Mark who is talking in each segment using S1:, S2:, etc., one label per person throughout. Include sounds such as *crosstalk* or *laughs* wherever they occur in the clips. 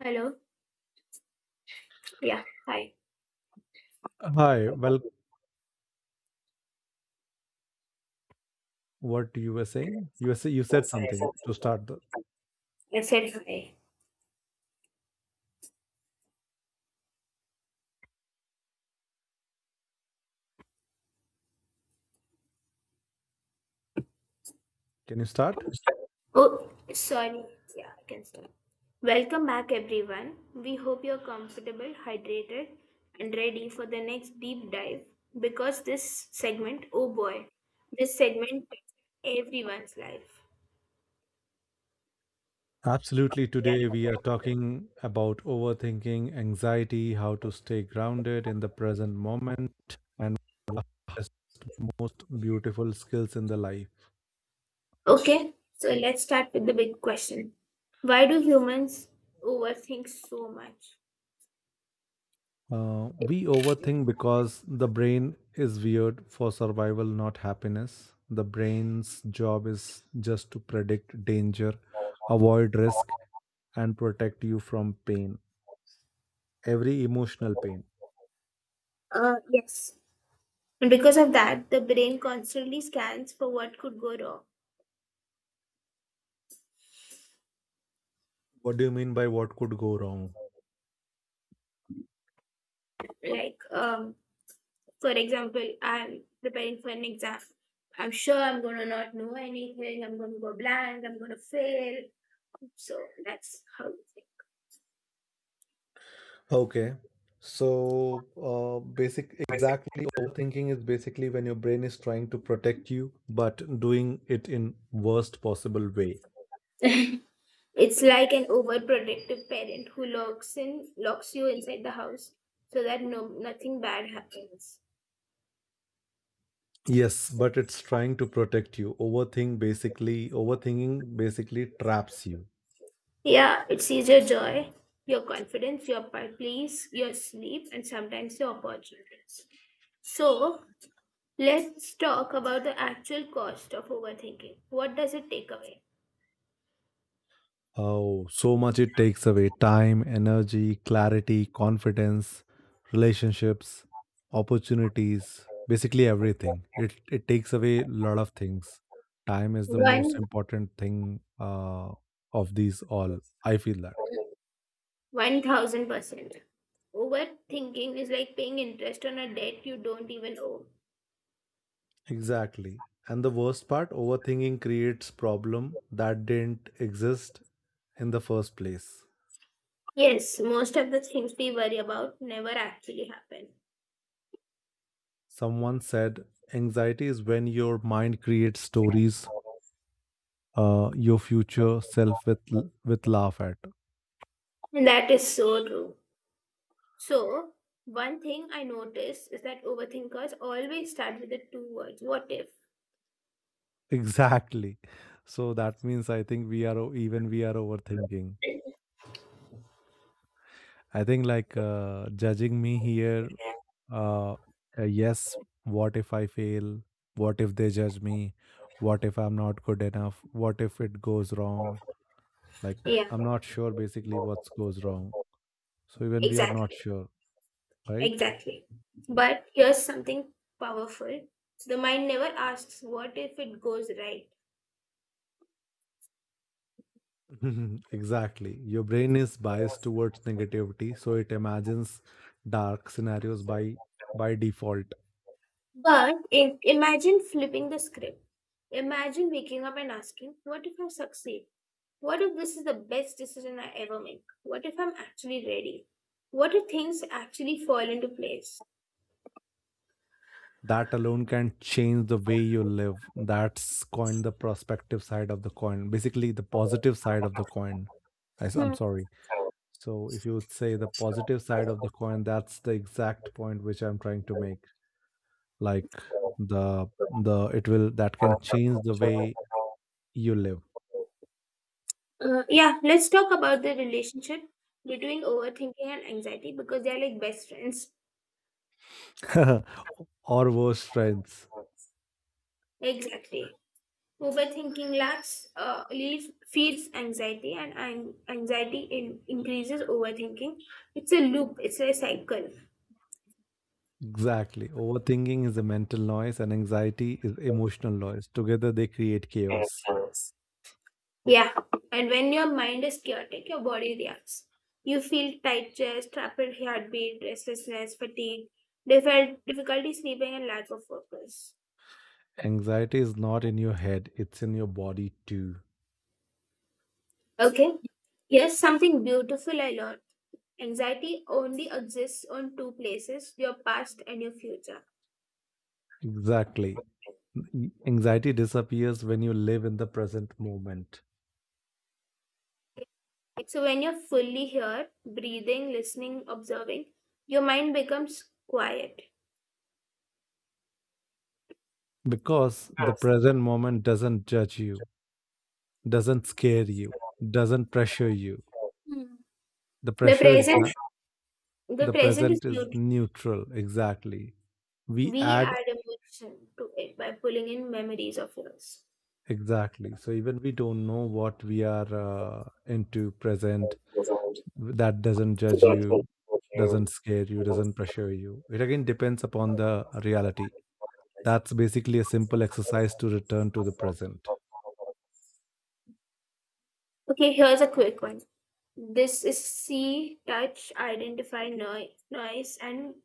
S1: Hello. Yeah. Hi.
S2: Hi. Well, what you were saying? You were say, you said something to start the.
S1: I said hi.
S2: Can you start?
S1: Oh, sorry. Yeah, I can start. Welcome back, everyone. We hope you're comfortable, hydrated, and ready for the next deep dive because this segment, oh boy, this segment touches everyone's life.
S2: Absolutely. Today we are talking about overthinking, anxiety, how to stay grounded in the present moment, and one of the most beautiful skills in the life.
S1: Okay, so let's start with the big question. Why do humans overthink so much?
S2: We overthink because the brain is weird for survival, not happiness. The brain's job is just to predict danger, avoid risk, and protect you from pain. Every emotional pain.
S1: Yes. And because of that, the brain constantly scans for what could go wrong.
S2: What do you mean by what could go wrong?
S1: Like, um, For example, I'm preparing for an exam. I'm sure I'm gonna not know anything. I'm gonna go blank. I'm gonna fail. So that's how it
S2: Okay. So, exactly, overthinking is basically when your brain is trying to protect you, but doing it in worst possible way.
S1: is. *laughs* It's like an overprotective parent who locks you inside the house so that nothing bad happens.
S2: Yes, but it's trying to protect you. Overthinking basically traps you.
S1: Yeah, it sees your joy, your confidence, your peace, your sleep, and sometimes your opportunities. So let's talk about the actual cost of overthinking. What does it take away?
S2: Oh, so much. It takes away time, energy, clarity, confidence, relationships, opportunities, basically everything. It takes away a lot of things. Time is the most
S1: One
S2: important thing of these all. I feel that.
S1: One thousand percent. Overthinking is like paying interest on a debt you don't even owe.
S2: Exactly. And the worst part, overthinking creates problem that didn't exist in the first place.
S1: Yes, most of the things we worry about never actually happen.
S2: Someone said anxiety is when your mind creates stories your future self with laugh at.
S1: And that is so true. So, one thing I noticed is that overthinkers always start with the two words, what if?
S2: *laughs* Exactly, so that means I think we are even we are overthinking. I think like judging me here. uh, yes, what if I fail, what if they judge me, what if I'm not good enough, what if it goes wrong, like,
S1: Yeah,
S2: I'm not sure basically what goes wrong, so even we are not
S1: exactly.
S2: sure, right?
S1: Exactly. But here's something powerful. So, the mind never asks what if it goes right?
S2: *laughs* Mhm. Exactly. Your brain is biased towards negativity, so it imagines dark scenarios by default.
S1: But if, imagine flipping the script. Imagine waking up and asking, what if I succeed? What if this is the best decision I ever make? What if I'm actually ready? What if things actually fall into place?
S2: That alone can change the way you live. That's coin the prospective side of the coin. Basically, the positive side of the coin. I am
S1: Hmm.
S2: sorry. So, if you would say the positive side of the coin, that's the exact point which I'm trying to make. Like the the it will that can change the way you live.
S1: Yeah, let's talk about the relationship between overthinking and anxiety because they're like best friends.
S2: *laughs* Or worse, friends.
S1: Exactly. Overthinking feeds anxiety, and anxiety increases overthinking. It's a loop, it's a cycle.
S2: Exactly. Overthinking is a mental noise and anxiety is emotional noise. Together they create chaos.
S1: Yeah, and when your mind is chaotic, your body reacts. You feel tight chest, rapid heartbeat, restlessness, fatigue, difficulty sleeping, and lack of focus.
S2: Anxiety is not in your head, it's in your body too.
S1: Okay, here's something beautiful I learned. Anxiety only exists on two places, your past and your future.
S2: Exactly. Anxiety disappears when you live in the present moment,
S1: So, when you're fully here, breathing, listening, observing, your mind becomes quiet.
S2: because the present moment doesn't judge you, doesn't scare you, doesn't pressure you.
S1: Hmm.
S2: The
S1: The
S2: pressure is
S1: present,
S2: not,
S1: the
S2: the
S1: present is
S2: present is
S1: beautiful.
S2: neutral. Exactly. We
S1: We
S2: add.
S1: add emotion to it by pulling in memories of yours.
S2: Exactly. So even we don't know what we are into present, that doesn't judge you, doesn't scare you, doesn't pressure you. It again depends upon the reality. That's basically a simple exercise to return to the present.
S1: Okay, here's a quick one. This is see, touch, identify noise. And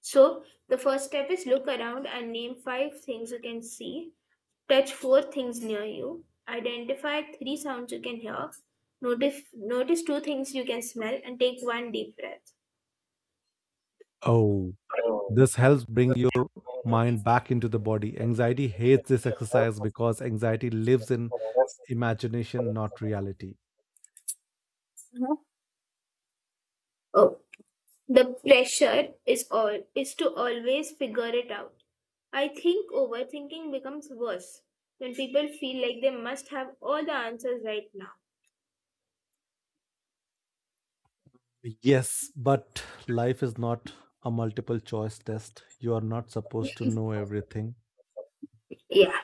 S1: so the first step is, look around and name five things you can see, touch four things near you, identify three sounds you can hear, notice two things you can smell, and take one deep breath.
S2: Oh, this helps bring your mind back into the body. Anxiety hates this exercise because anxiety lives in imagination, not reality.
S1: Oh. The pressure is all is to always figure it out. I think overthinking becomes worse when people feel like they must have all the answers right now.
S2: Yes, but life is not a multiple choice test. You are not supposed to know everything.
S1: Yeah,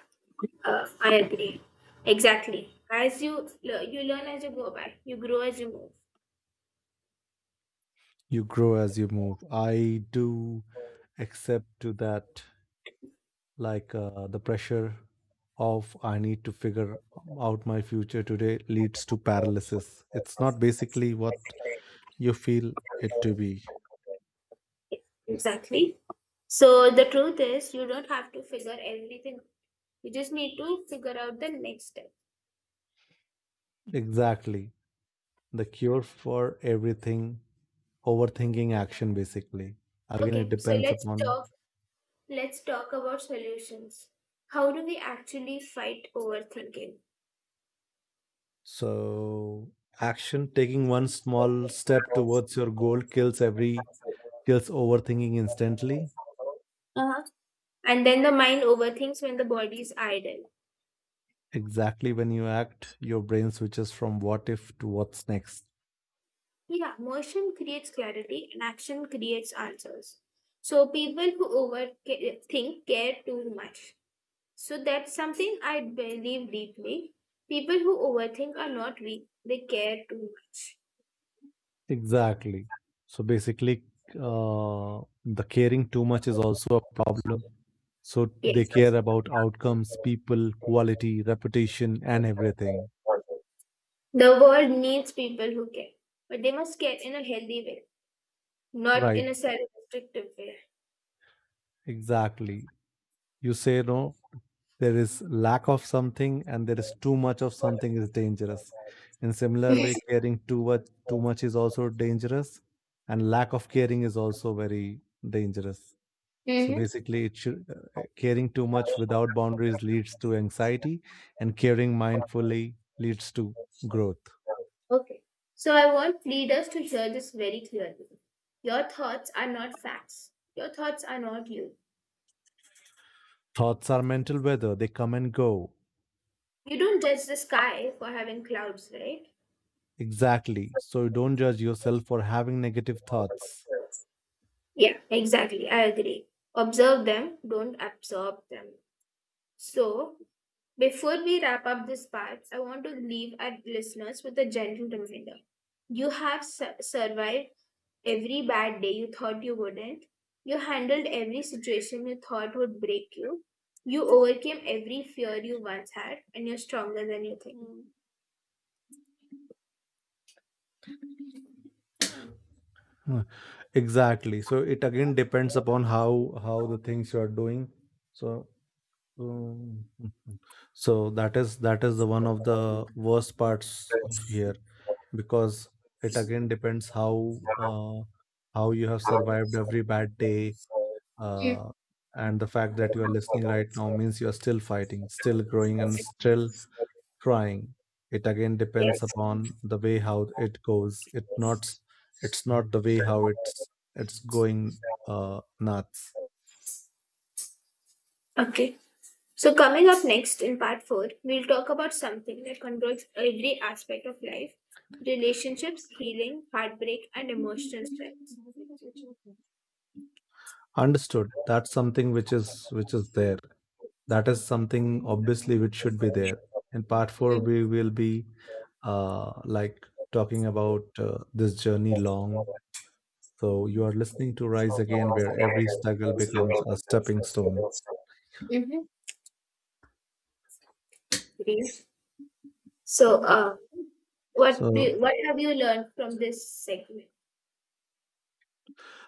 S1: I agree. Exactly. You learn as you go by, you grow as you move.
S2: You grow as you move. I do accept to that, like the pressure of I need to figure out my future today leads to paralysis. It's not basically what you feel it to be.
S1: Yeah, exactly. So the truth is, you don't have to figure everything. You just need to figure out the next step.
S2: Exactly. The cure for everything, overthinking action, basically. Again, it
S1: Okay, so
S2: depends
S1: let's
S2: upon.
S1: talk Let's talk about solutions. How do we actually fight overthinking?
S2: So action taking one small step towards your goal kills overthinking instantly.
S1: Uh-huh. And then the mind overthinks when the body is idle.
S2: Exactly, when you act, your brain switches from what if to what's next.
S1: Yeah, motion creates clarity and action creates answers. So people who overthink care too much. So that's something I believe deeply. People who overthink are not weak, they care too much.
S2: Exactly. So basically, the caring too much is also a problem. So they
S1: Yes.
S2: care about outcomes, people, quality, reputation, and everything.
S1: The world needs people who care, but they must care in a healthy way, not in
S2: Right.
S1: a self restrictive way.
S2: Exactly. You say no, there is lack of something and there is too much of something is dangerous. In similar way
S1: *laughs*
S2: caring too much is also dangerous, and lack of caring is also very dangerous. So
S1: Mm-hmm.
S2: basically it should, caring too much without boundaries leads to anxiety, and caring mindfully leads to growth.
S1: Okay. So I want leaders to hear this very clearly. Your thoughts are not facts. Your thoughts are not you.
S2: Thoughts are mental weather, they come and go.
S1: You don't judge the sky for having clouds, right?
S2: Exactly, so you don't judge yourself for having negative thoughts.
S1: Yeah, exactly. I agree. Observe them, don't absorb them. So, before we wrap up this part, I want to leave our listeners with a gentle reminder. You have survived every bad day you thought you wouldn't. You handled every situation you thought would break you. You overcame every fear you once had, and you're stronger than you think.
S2: Huh, exactly. So it again depends upon how the things you are doing. So um, mhm. So that is the one of the worst parts of here, because it again depends how you have survived every bad day,
S1: Hmm.
S2: uh, and the fact that you are listening right now means you are still fighting, still growing, and still trying. It again depends
S1: Yes.
S2: upon the way how it goes. It's not the way how it's going, nuts.
S1: Okay. So, coming up next in part four, we'll talk about something that controls every aspect of life: relationships, healing, heartbreak, and emotional
S2: Understood. That's something which is there. That is something obviously which should be there. In part four,
S1: strength.
S2: we will be uh, like talking about this journey long. So you are listening to Rise Again, where every struggle becomes a stepping stone.
S1: Mm-hmm. Please. So,
S2: So
S1: what have you learned from this segment?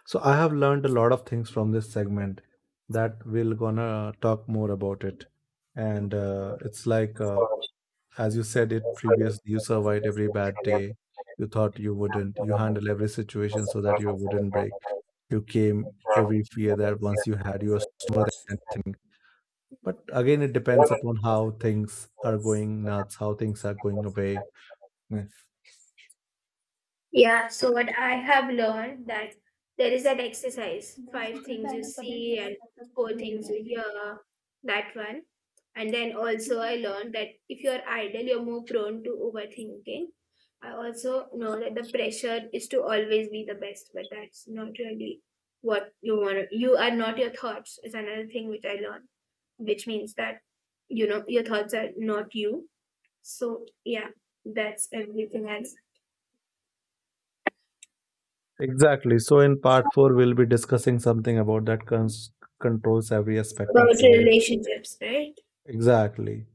S2: So I have learned a lot of things from this segment that we'll gonna talk more about it. And uh, it's like, uh, as you said it previously, you survived every bad day. You thought you wouldn't. You handle every situation so that you wouldn't break. You came every fear that once you had, you were stronger than anything. But again, it depends upon how things are going nuts, how things are going away. Yeah.
S1: Yeah, so what I have learned, that there is that exercise, five things you see and four things you hear, that one. And then also I learned that if you're idle, you're more prone to overthinking. I also know that the pressure is to always be the best, but that's not really what you want. You are not your thoughts is another thing which I learned, which means that, you know, your thoughts are not you. So yeah, that's everything else.
S2: Exactly. So in part four, we'll be discussing something about controls every aspect
S1: About
S2: of life.
S1: relationships, right?
S2: Exactly.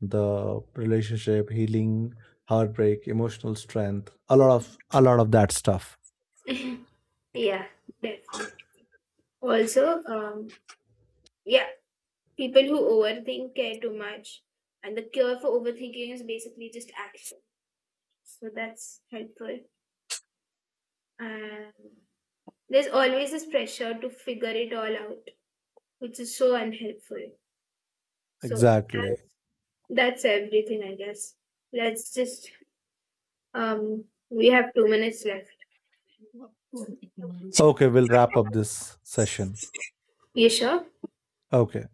S2: The relationship, healing, heartbreak, emotional strength, a lot of that stuff.
S1: *laughs* Yeah, definitely. Also, yeah, people who overthink care too much, and the cure for overthinking is basically just action. So that's helpful. And there's always this pressure to figure it all out, which is so unhelpful. So
S2: Exactly.
S1: that's, that's everything, I guess. Let's just We have 2 minutes left.
S2: Okay, we'll wrap up this session.
S1: You sure?
S2: Okay.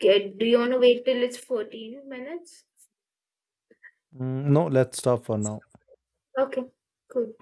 S1: Okay, do you want to wait till it's 14 minutes?
S2: No, let's stop for now.
S1: Okay, cool.